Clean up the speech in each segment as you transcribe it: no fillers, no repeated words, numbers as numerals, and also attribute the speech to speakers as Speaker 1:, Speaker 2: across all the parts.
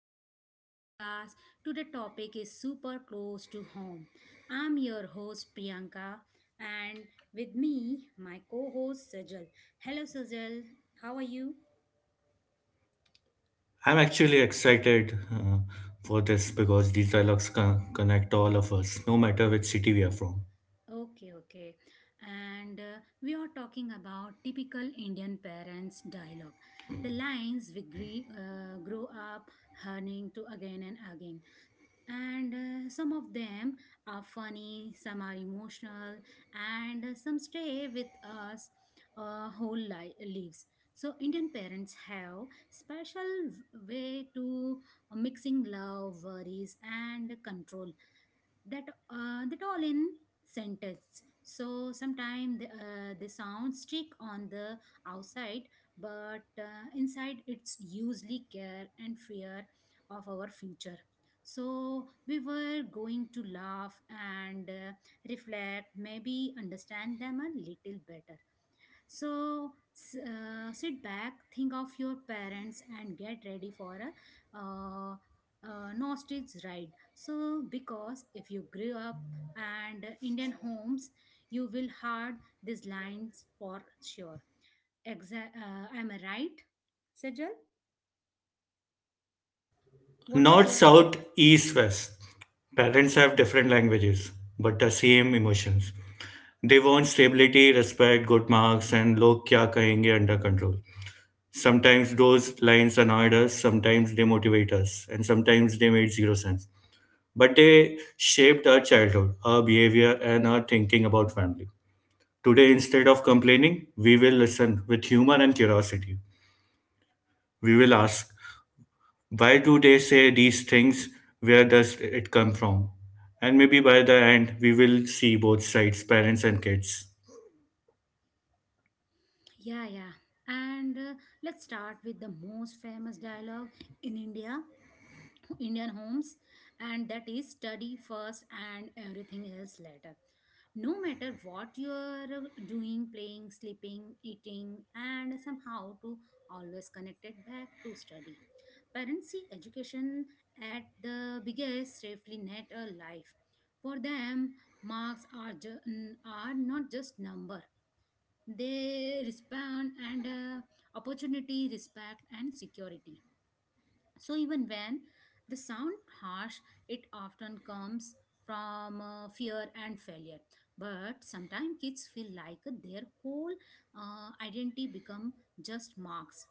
Speaker 1: to the podcast. Today topic is super close to home. I'm your host Priyanka and with me my co-host Sajal. Hello Sajal, how are you?
Speaker 2: I'm actually excited for this because these dialogues connect all of us, no matter which city we are from.
Speaker 1: Okay, okay. And we are talking about typical Indian parents dialogue. The lines we grow up learning to again and again. And some of them are funny some are emotional and some stay with us whole lives. So indian parents have special way to mixing love worries and control that that all in sentence so sometimes they sound strict on the outside but inside it's usually care and fear of our future so we were going to laugh and reflect, maybe understand them a little better. So sit back, think of your parents, and get ready for a nostalgic ride. So because if you grew up and Indian homes, you will heard these lines for sure. Am I right, Sejal? What is
Speaker 2: North,
Speaker 1: your
Speaker 2: South,
Speaker 1: South,
Speaker 2: East,
Speaker 1: East,
Speaker 2: West. Parents have
Speaker 1: West.
Speaker 2: different languages, but the same emotions. They want stability, respect, good marks, and log kya kahenge under control. Sometimes those lines annoyed us, sometimes they motivate us, and sometimes they made zero sense. But they shaped our childhood, our behavior, and our thinking about family. Today, instead of complaining, we will listen with humor and curiosity. We will ask, why do they say these things? Where does it come from? And maybe by the end, we will see both sides, parents and kids.
Speaker 1: Parents have different languages. Yeah, yeah. And let's start with the most famous dialogue in India Indian homes, and that is study first and everything else later. No matter what you are doing, playing, sleeping, eating, and somehow to always connect it back to study. Parents see education at the biggest safely net of life. For them, marks are, are not just number. They respond and opportunity, respect, and security. So even when the sound harsh, it often comes from fear and failure. But sometimes kids feel like their whole identity become just marks.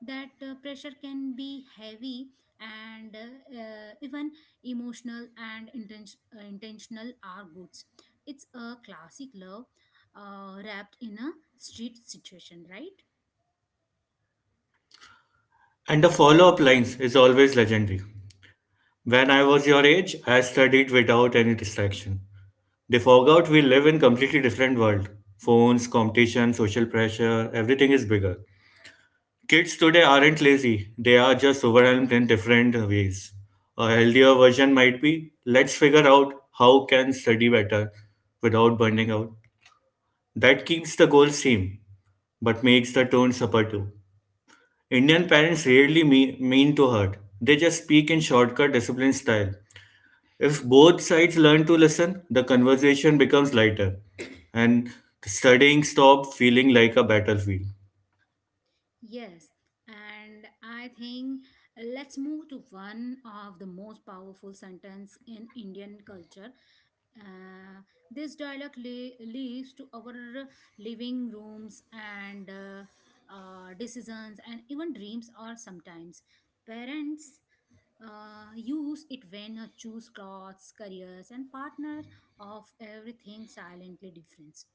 Speaker 1: That pressure can be heavy and even emotional and intentional are goods. It's a classic love wrapped in a street situation, right?
Speaker 2: And the follow up lines is always legendary. When I was your age, I studied without any distraction. They forgot we live in completely different world. Phones, competition, social pressure, everything is bigger. Kids today aren't lazy, they are just overwhelmed in different ways. A healthier version might be let's figure out how can study better without burning out. That keeps the goal same, but makes the tone supportive. Indian parents rarely mean to hurt. They just speak in shortcut discipline style. If both sides learn to listen, the conversation becomes lighter and studying stops feeling like a battlefield.
Speaker 1: Yes, and I think let's move to one of the most powerful sentence in Indian culture uh, this dialogue leads to our living rooms and decisions and even dreams are sometimes parents use it when choose clothes careers and partner of everything silently difference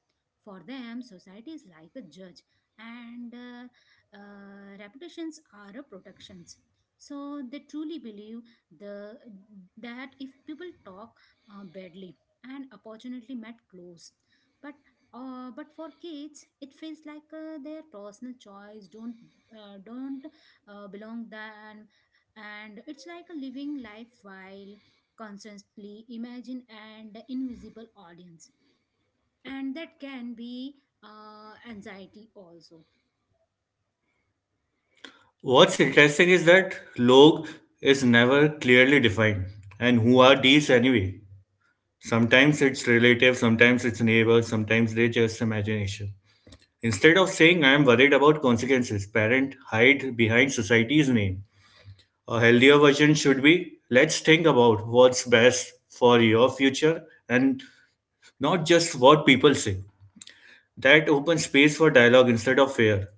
Speaker 1: for them society is like a judge and reputations are a protections so they truly believe the that if people talk badly and opportunity met close but but for kids it feels like their personal choice don't uh, don't belong them and it's like a living life while constantly imagine and invisible audience and that can be anxiety also.
Speaker 2: What's interesting is that log is never clearly defined. And who are these anyway? Sometimes it's relative, sometimes it's neighbors, sometimes they just imagination. Instead of saying I am worried about consequences, parents hide behind society's name. A healthier version should be let's think about what's best for your future and not just what people say. That opens space for dialogue instead of fear.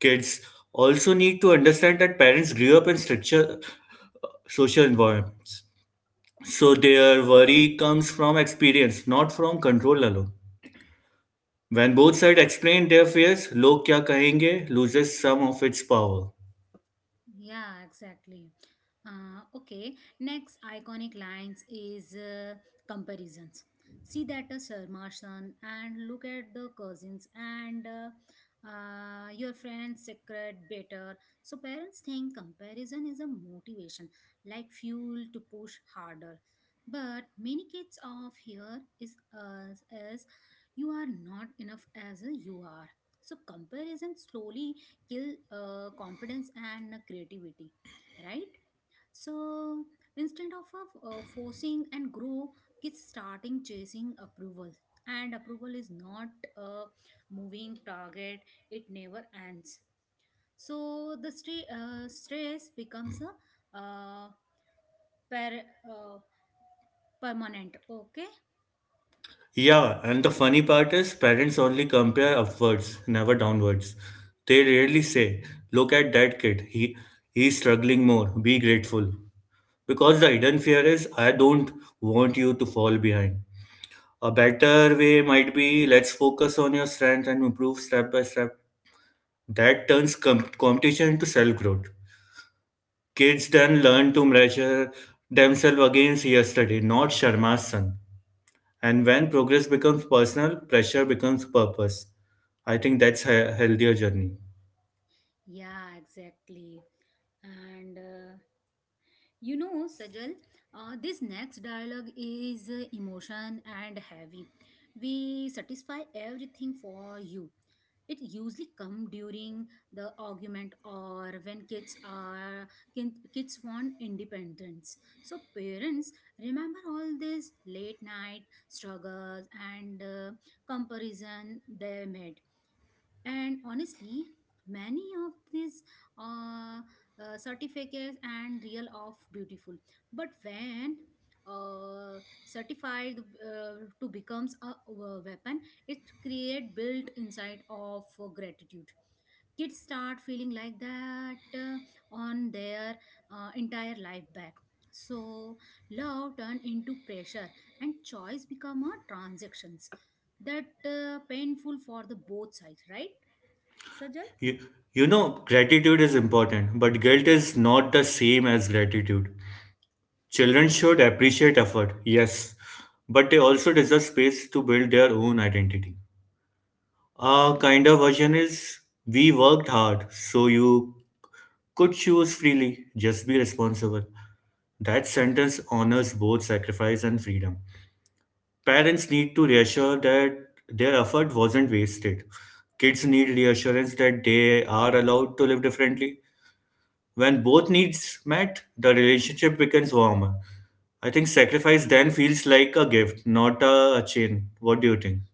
Speaker 2: Kids also need to understand that parents grew up in stricture social environment. So their worry comes from experience, not from control alone. When both sides explain their fears, log kya kahenge loses some of its power.
Speaker 1: Yeah, exactly. Okay, next iconic lines is comparisons. See that Sir Marsan and look at the cousins and your friend's secret better. So parents think comparison is a motivation, like fuel to push harder. But many kids of here is us as you are not enough as a you are. So comparison slowly kill confidence and creativity, right? So instead of forcing and grow kids starting chasing approval and approval is not a moving target, it never ends. So the stress becomes a uh, per- uh, permanent okay.
Speaker 2: Yeah, and the funny part is parents only compare upwards, never downwards. They rarely say, look at that kid, he's struggling more, be grateful. Because the hidden fear is I don't want you to fall behind. A better way might be let's focus on your strength and improve step by step. That turns competition into self growth. Kids then learn to measure themselves against yesterday, not Sharma's son. And when progress becomes personal, pressure becomes purpose. I think that's a healthier journey.
Speaker 1: Yeah, exactly. And you know, Sajal, this next dialogue is emotion and heavy. We satisfy everything for you. It usually come during the argument or when kids are kids want independence. So parents remember all these late night struggles and comparison they made and honestly many of these uh, certificates and real of beautiful but when certified uh, to becomes a, weapon it create built inside of gratitude kids start feeling like that on their entire life back so love turn into pressure and choice become a transactions that painful for the both sides right Sajal?
Speaker 2: You, you know, gratitude is important, but guilt is not the same as gratitude. Children should appreciate effort, yes, but they also deserve space to build their own identity. A kinder version is we worked hard, so you could choose freely, just be responsible. That sentence honors both sacrifice and freedom. Parents need to reassure that their effort wasn't wasted. Kids need reassurance that they are allowed to live differently. When both needs met, the relationship becomes warmer. I think sacrifice then feels like a gift, not a chain. What do you think?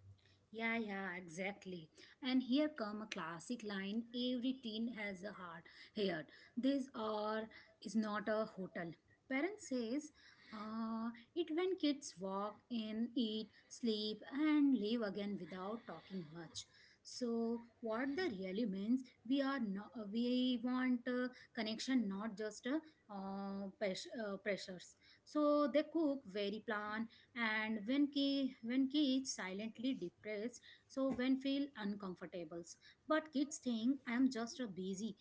Speaker 1: Yeah, yeah, exactly. And here come a classic line every teen has a heart here. This or is not a hotel. Parents says uh, it when kids walk in, eat, sleep, and leave again without talking much. So what that really means, we are not, we want a connection, not just a, pressures. So they cook very plan and when ki when kids silently depressed so when feel uncomfortable but kids think I am just a busy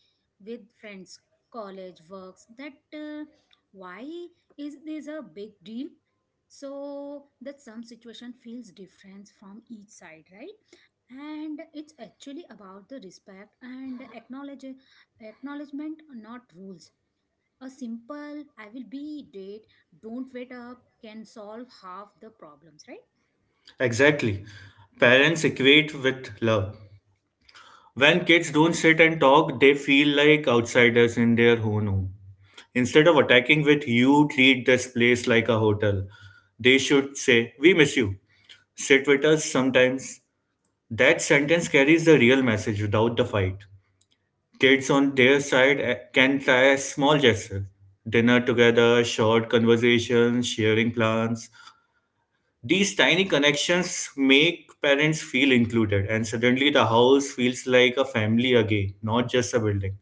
Speaker 1: with friends college works that why is this a big deal so that some situation feels different from each side, right? And it's actually about the respect and acknowledge acknowledgement not rules. A simple I will be dead, don't wait up can solve half the problems, right?
Speaker 2: Exactly. Parents equate with love. When kids don't sit and talk, they feel like outsiders in their own home. Instead of attacking with, you treat this place like a hotel. They should say, we miss you. Sit with us sometimes. That sentence carries the real message without the fight. Kids on their side can try a small gesture, dinner together, short conversations, sharing plans. These tiny connections make parents feel included, and suddenly the house feels like a family again, not just a building.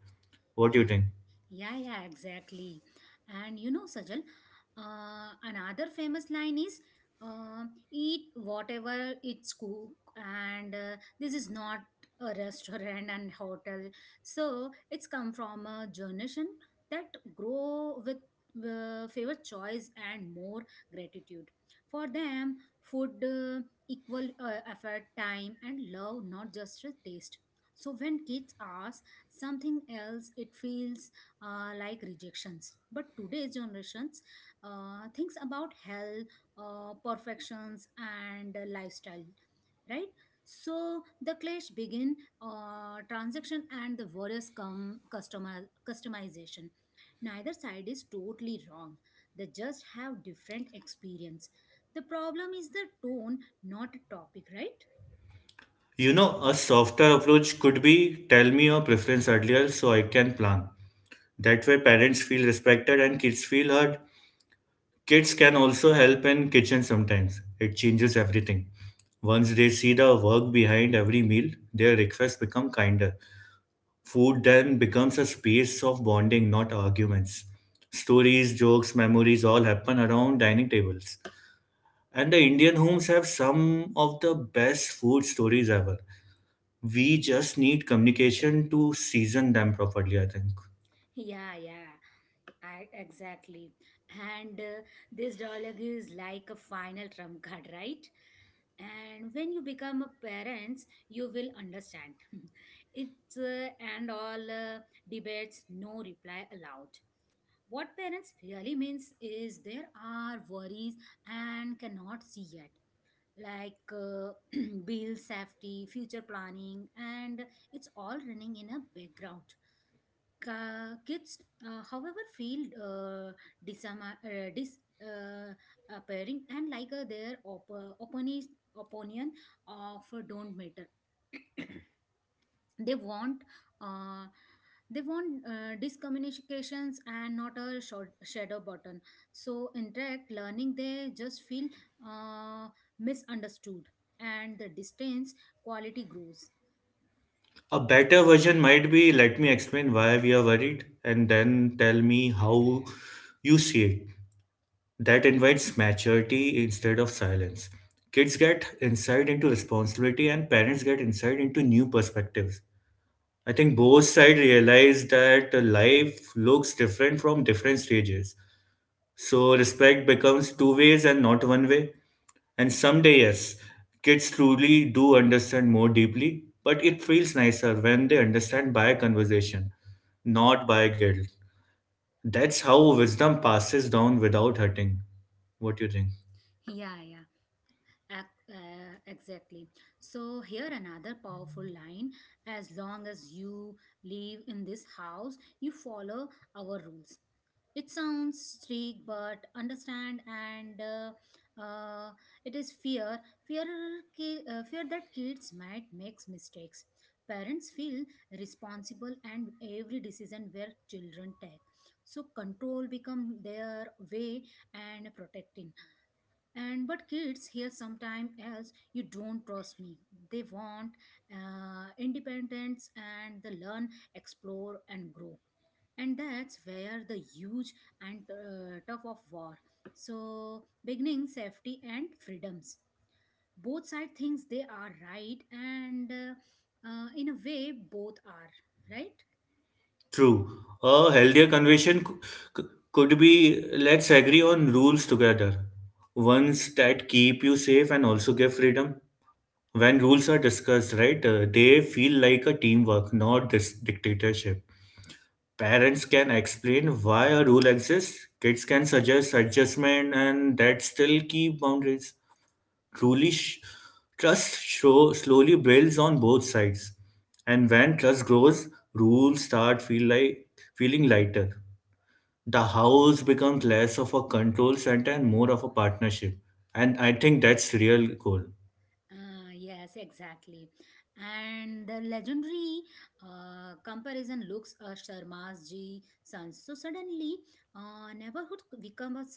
Speaker 2: What do you think?
Speaker 1: Yeah, yeah, exactly. And you know, Sajal, another famous line is uh, eat whatever it's cooked, and this is not a restaurant and hotel. So it's come from a generation that grow with favor choice and more gratitude. For them, food equal effort, time, and love, not just a taste. So when kids ask something else, it feels like rejections. But today's generations thinks about health, perfections, and lifestyle, right? So the clash begin transaction and the various customer customization. Neither side is totally wrong. They just have different experience. The problem is the tone, not topic, right?
Speaker 2: You know, a softer approach could be tell me your preference earlier so I can plan. That way, parents feel respected and kids feel heard. Kids can also help in kitchen sometimes. It changes everything. Once they see the work behind every meal, their requests become kinder. Food then becomes a space of bonding, not arguments. Stories, jokes, memories all happen around dining tables. And the Indian homes have some of the best food stories ever. We just need communication to season them properly, I think.
Speaker 1: Yeah, yeah. I, exactly. And this dialogue is like a final trump card, right? And when you become a parents, you will understand. it's and all debates, no reply allowed. What parents really means is there are worries and cannot see yet, like bill safety, future planning, and it's all running in a background. Kids, however, feel uh, disama- dis uh, appearing and like their opinion opinion of don't matter. they want uh, discommunications and not a short shadow button. So interact learning, they just feel uh, misunderstood, and the distance quality grows.
Speaker 2: A better version might be let me explain why we are worried and then tell me how you see it. That invites maturity instead of silence. Kids get insight into responsibility and parents get insight into new perspectives. I think both sides realize that life looks different from different stages. So respect becomes two ways and not one way. And someday, yes, kids truly do understand more deeply, but it feels nicer when they understand by conversation, not by guilt. That's how wisdom passes down without hurting. What do you think?
Speaker 1: Yeah, yeah. Exactly. So, here another powerful line as long as you live in this house, you follow our rules. It sounds strict, but understand and uh, it is fear. Fear, fear that kids might make mistakes. Parents feel responsible, and every decision where children take. So control become their way and protecting and but kids hear sometime else you don't trust me they want independence and they learn explore and grow and that's where the huge and tough of war so beginning safety and freedoms both side thinks they are right and in a way both are right.
Speaker 2: True. A healthier conversation c- could be let's agree on rules together. Ones that keep you safe and also give freedom. When rules are discussed, right, they feel like a teamwork, not this dictatorship. Parents can explain why a rule exists, kids can suggest adjustment, and that still keep boundaries. Truly, trust show slowly builds on both sides, and when trust grows, rules start feel like feeling lighter. The house becomes less of a control center and more of a partnership, and I think that's real goal.
Speaker 1: Yes, exactly. And the legendary comparison looks Sharma's G sons. So suddenly, neighborhood becomes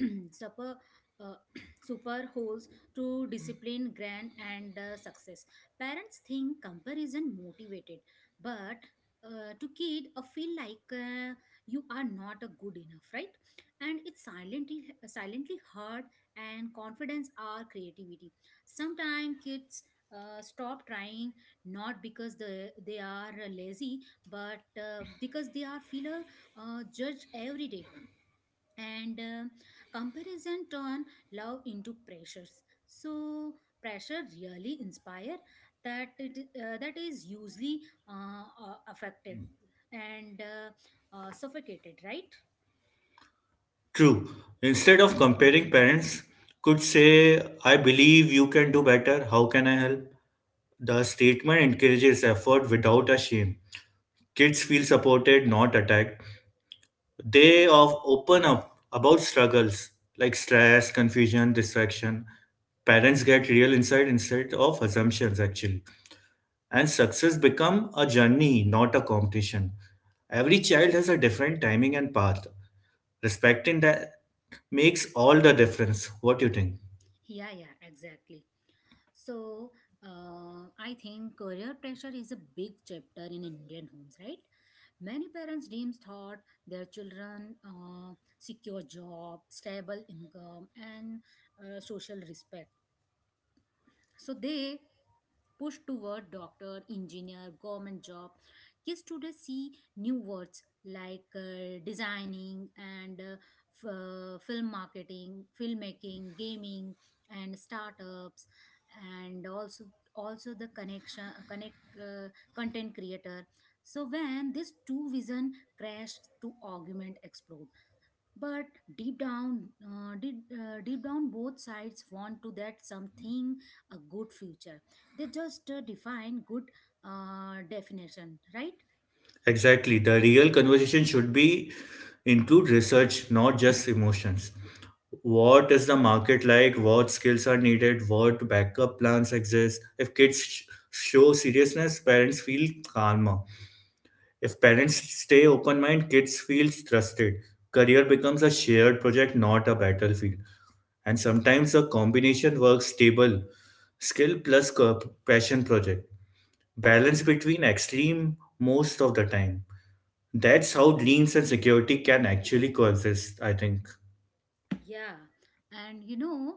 Speaker 1: super uh, super holds to discipline grand and success parents think comparison motivated but to kid feel like you are not a good enough right and it's silently silently hurt and confidence or creativity sometimes kids stop trying not because the, they are lazy but because they are feel judged every day and comparison turn love into pressures so pressure really inspire that it that is usually affected and suffocated right.
Speaker 2: True. Instead of comparing, parents could say, "I believe you can do better. How can I help?" The statement encourages effort without a shame. Kids feel supported, not attacked. They of open up about struggles like stress, confusion, distraction. Parents get real insight instead of assumptions actually. And success become a journey, not a competition. Every child has a different timing and path. Respecting that makes all the difference. What do you think?
Speaker 1: Yeah, yeah, exactly. So I think career pressure is a big chapter in indian homes, right? Many parents dreams thought their children secure job stable income and social respect so they push toward doctor, engineer, government job. Kids today see new words like designing and film marketing, filmmaking, gaming, and startups, and also also the connection connect content creator so when these two vision crash to argument explode but deep down both sides want to that something a good future they just define good definition right.
Speaker 2: Exactly. The real conversation should be include research, not just emotions. What is the market like? What skills are needed? What backup plans exist? If kids show seriousness, parents feel calmer. If parents stay open mind, kids feel trusted. Career becomes a shared project, not a battlefield. And sometimes a combination works stable skill plus passion project. Balance between extreme most of the time. That's how dreams and security can actually coexist, I think.
Speaker 1: Yeah, and you know,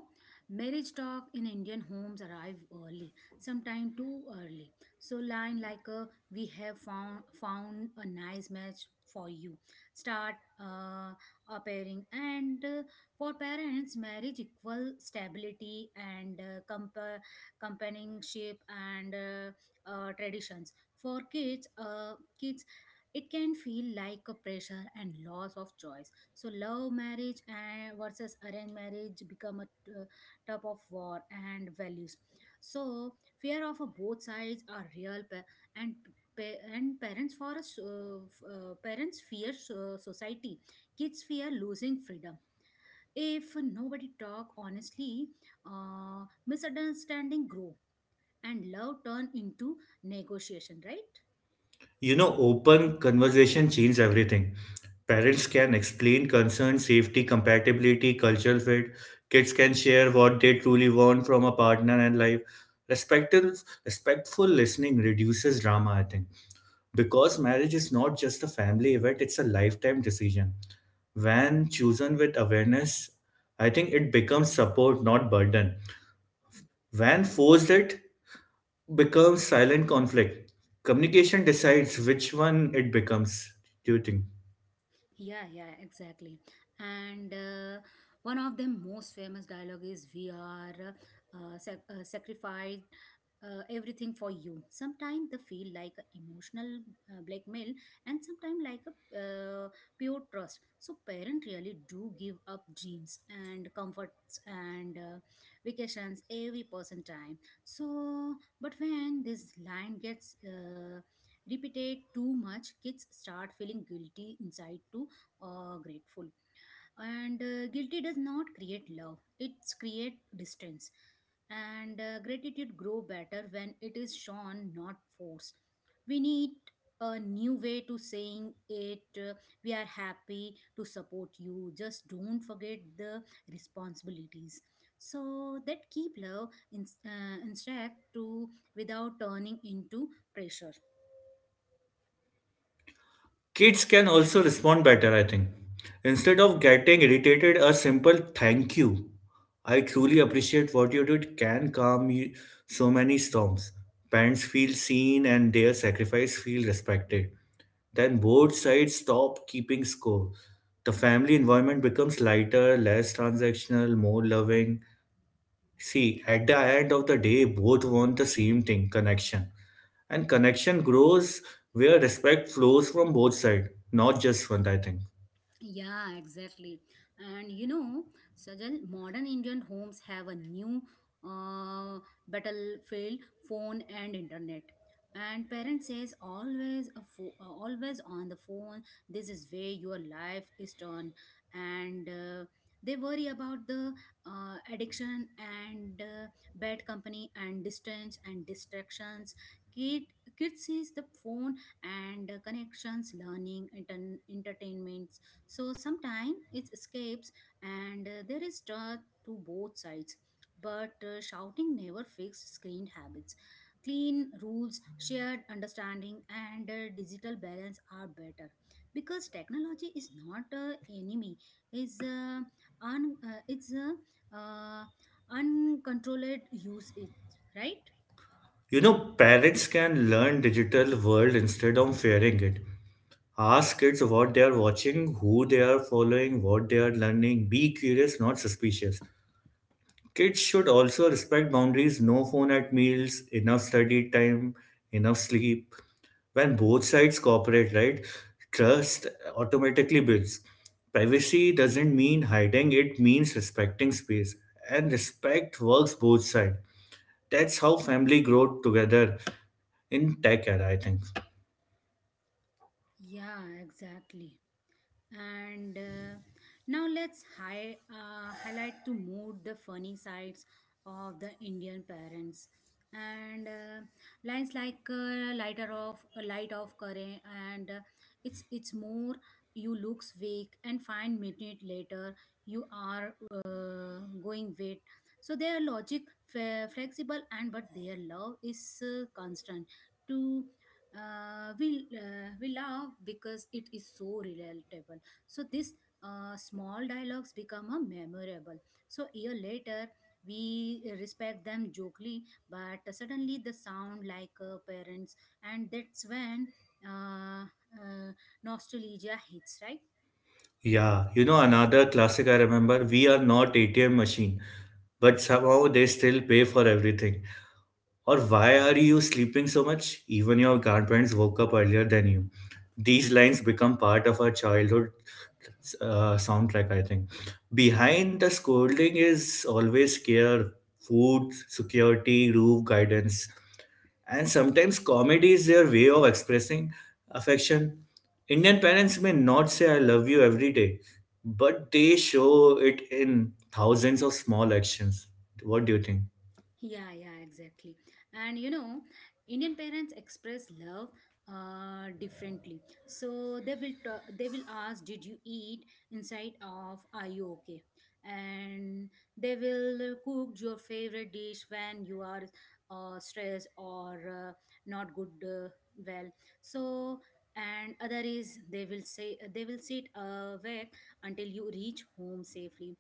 Speaker 1: marriage talk in Indian homes arrive early, sometime too early. So line like a "We have found a nice match for you" start appearing, and for parents, marriage equal stability and companionship and traditions. For kids, kids. It can feel like a pressure and loss of choice so love marriage and versus arranged marriage become a tub of war and values so fear of a both sides are real and and parents for us parents fear society kids fear losing freedom if nobody talk honestly misunderstanding grow and love turn into negotiation, right?
Speaker 2: You know, open conversation changes everything. Parents can explain concerns, safety, compatibility, cultural fit. Kids can share what they truly want from a partner and life. Respectful, respectful listening reduces drama, I think. Because marriage is not just a family event, it's a lifetime decision. When chosen with awareness, I think it becomes support, not burden. When forced it, becomes silent conflict. Communication decides which one it becomes, do you think?
Speaker 1: Yeah, yeah, exactly. And One of the most famous dialogue is "We are sacrificed everything for you," sometimes they feel like a emotional blackmail, and sometimes like a pure trust. So parents really do give up dreams and comforts and vacations, every person time. So but when this line gets repeated too much, kids start feeling guilty inside too, or grateful. And Guilty does not create love, it's create distance. And Gratitude grow better when it is shown, not forced. We need a new way to saying it, we are happy to support you, just don't forget the responsibilities. So that keep love in, intact, to without turning into pressure.
Speaker 2: Kids can also respond better, I think. Instead of getting irritated, a simple thank you. I truly appreciate what you did can calm you so many storms. Parents feel seen and their sacrifice feel respected. Then both sides stop keeping score. The family environment becomes lighter, less transactional, more loving. See, at the end of the day, both want the same thing connection. And connection grows where respect flows from both sides, not just one, I think.
Speaker 1: Yeah, exactly. And you know, Sajal, modern Indian homes have a new uh, battlefield, phone and internet. And parents says always a always on the phone. This is where your life is turned, and they worry about the addiction, and bad company and distance and distractions. Kid kids sees the phone, and connections, learning, entertainment, so sometimes it escapes, and there is truth to both sides. But shouting never fixed screen habits. Clean rules, shared understanding, and digital balance are better, because technology is not an enemy. Is it's a uh, uncontrolled use it, right?
Speaker 2: You know, parents can learn digital world instead of fearing it. Ask kids what they are watching, who they are following, what they are learning. Be curious, not suspicious. Kids should also respect boundaries, no phone at meals, enough study time, enough sleep. When both sides cooperate, right, trust automatically builds. Privacy doesn't mean hiding, it means respecting space. And respect works both sides. That's how family grow together in tech era, I think.
Speaker 1: Yeah, exactly. And Now let's highlight to mood the funny sides of the Indian parents. And Lines like lighter off, light off current, and it's more, you looks weak and find minute later you are going wet. So their logic, flexible, and but their love is constant. To we love because it is so relatable, so this small dialogues become a memorable. So year later we respect them jokingly, but suddenly the sound like parents, and that's when uh, uh, nostalgia hits, right?
Speaker 2: Yeah, you know, another classic I remember, we are not ATM machine, but somehow they still pay for everything. Or why are you sleeping so much? Even your grandparents woke up earlier than you. These lines become part of our childhood soundtrack, I think. Behind the scolding is always care, food, security, roof, guidance. And sometimes comedy is their way of expressing affection. Indian parents may not say I love you every day, but they show it in thousands of small actions. What do you think?
Speaker 1: Yeah, yeah, exactly. And you know, Indian parents express love differently. So they will they will ask, "Did you eat?" Inside of, "Are you okay?" And they will cook your favorite dish when you are stressed or not good, well. So, and other is, they will say, they will sit awake until you reach home safely.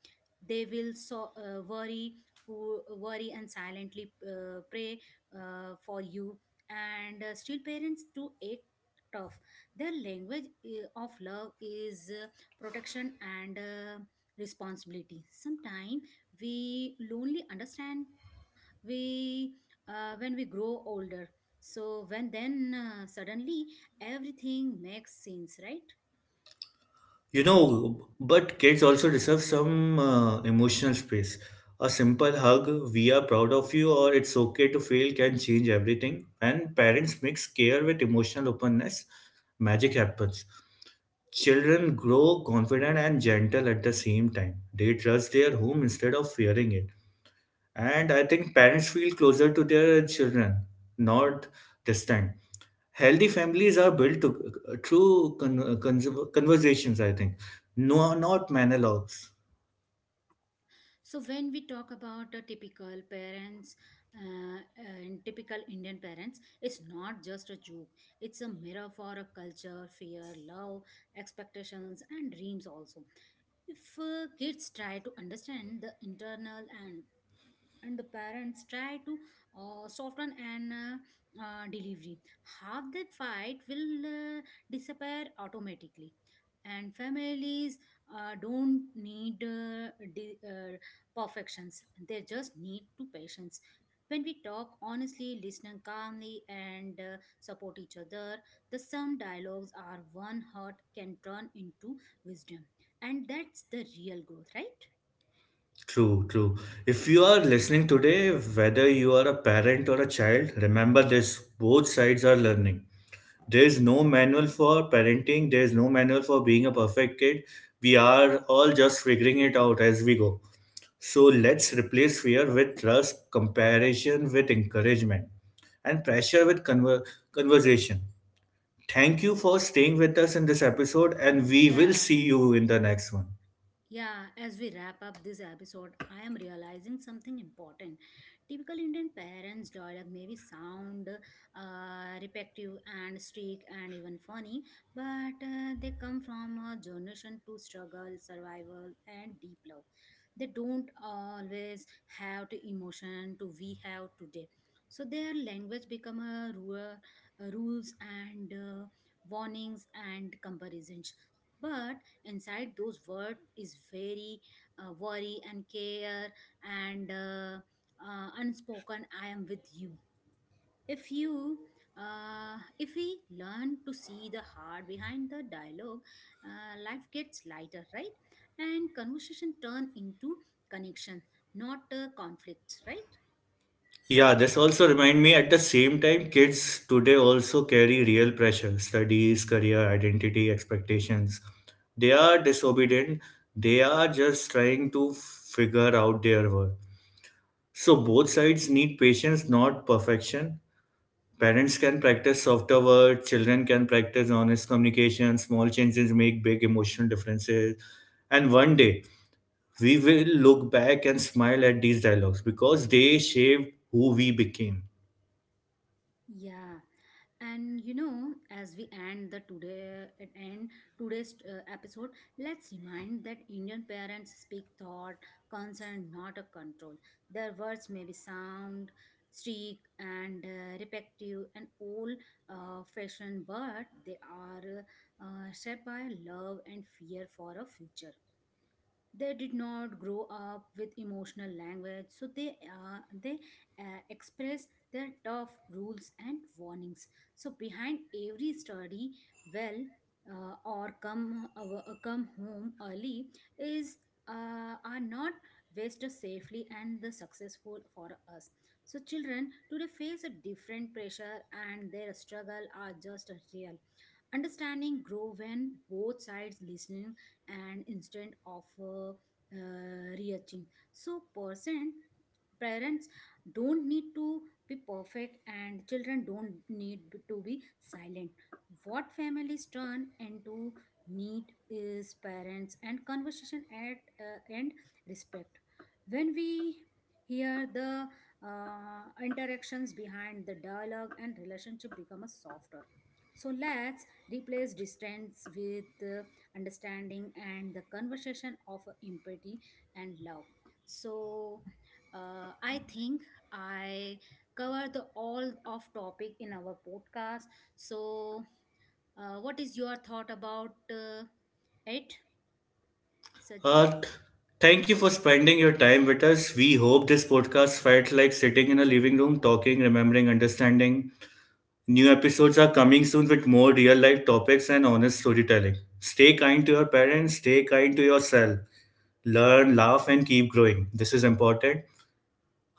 Speaker 1: They will so worry, who worry, and silently pray for you, and still parents to act tough. Their language of love is protection, and responsibility. Sometimes we lonely understand, we when we grow older, so when then suddenly everything makes sense, right?
Speaker 2: You know, but kids also deserve some emotional space. A simple hug, we are proud of you, or it's okay to fail can change everything. And parents mix care with emotional openness, magic happens. Children grow confident and gentle at the same time. They trust their home instead of fearing it. And I think parents feel closer to their children, not distant. Healthy families are built to, through conversations, I think, no, not monologues.
Speaker 1: So when we talk about the typical parents and typical Indian parents, it's not just a joke. It's a mirror for a culture, fear, love, expectations, and dreams also. If kids try to understand the internal, and the parents try to soften an delivery, half the fight will disappear automatically, and families don't need di- uh, perfections, they just need to patience. When we talk honestly, listen calmly, and support each other, the some dialogues are one heart can turn into wisdom, and that's the real growth, right?
Speaker 2: True, true. If you are listening today, whether you are a parent or a child, remember this, both sides are learning. There is no manual for parenting, there is no manual for being a perfect kid. We are all just figuring it out as we go. So let's replace fear with trust, comparison with encouragement, and pressure with conversation. Thank you for staying with us in this episode, and we will see you in the next one.
Speaker 1: Yeah, as we wrap up this episode, I am realizing something important. Typical Indian parents' dialogue may be sound repetitive and strict and even funny, but they come from a generation to struggle, survival, and deep love. They don't always have the emotion to we have today. So their language become a rules and warnings and comparisons. But inside those words is very worry and care, and unspoken, "I am with you." If you, if we learn to see the heart behind the dialogue, life gets lighter, right? And conversation turn into connection, not conflicts, right?
Speaker 2: Yeah, this also remind me at the same time, kids today also carry real pressure, studies, career, identity, expectations. They are disobedient. They are just trying to figure out their worth. So both sides need patience, not perfection. Parents can practice softer words, children can practice honest communication, small changes make big emotional differences. And one day we will look back and smile at these dialogues because they shaped who we became.
Speaker 1: Yeah, and you know, as we end the today at end today's episode, let's remind that Indian parents speak thought, concern, not a control. Their words may be sound, streak, and repetitive and old fashioned, but they are shaped by love and fear for a future. They did not grow up with emotional language, so they express their tough rules and warnings. So behind every study, well, or come home early, is are not wasted safely and the successful for us. So children today face a different pressure, and their struggle are just as real. Understanding grow when both sides listen, and instead of reaching so percent, parents don't need to be perfect, and children don't need to be silent. What families turn into need is parents and conversation at, and respect. When we hear the interactions behind the dialogue, and relationship become a softer. So let's replace distance with understanding, and the conversation of empathy and love. So I think I cover the all of topic in our podcast. So what is your thought about uh, it, Sajal?
Speaker 2: Uh, Thank you for spending your time with us. We hope this podcast felt like sitting in a living room, talking, remembering, understanding. New episodes are coming soon with more real life topics and honest storytelling. Stay kind to your parents, stay kind to yourself. Learn, laugh, and keep growing. This is important.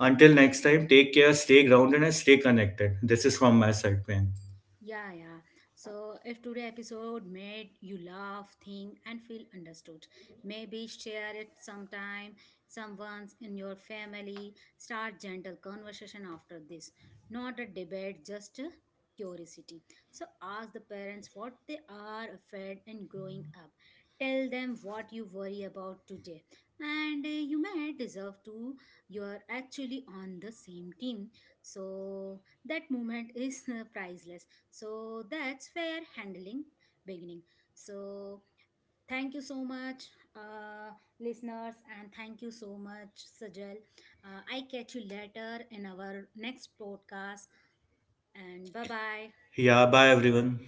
Speaker 2: Until next time, take care, stay grounded, and stay connected. This is from my side, man.
Speaker 1: Yeah, yeah. So if today episode made you laugh, think, and feel understood, maybe share it sometime. Someone's in your family. Start gentle conversation after this. Not a debate, just a curiosity. So ask the parents what they are afraid in growing up. Tell them what you worry about today, and you may deserve to. You are actually on the same team, so that moment is priceless. So that's fair handling beginning. So thank you so much, uh, listeners, and thank you so much, Sajal. I catch you later in our next podcast, and bye bye.
Speaker 2: Yeah, bye everyone.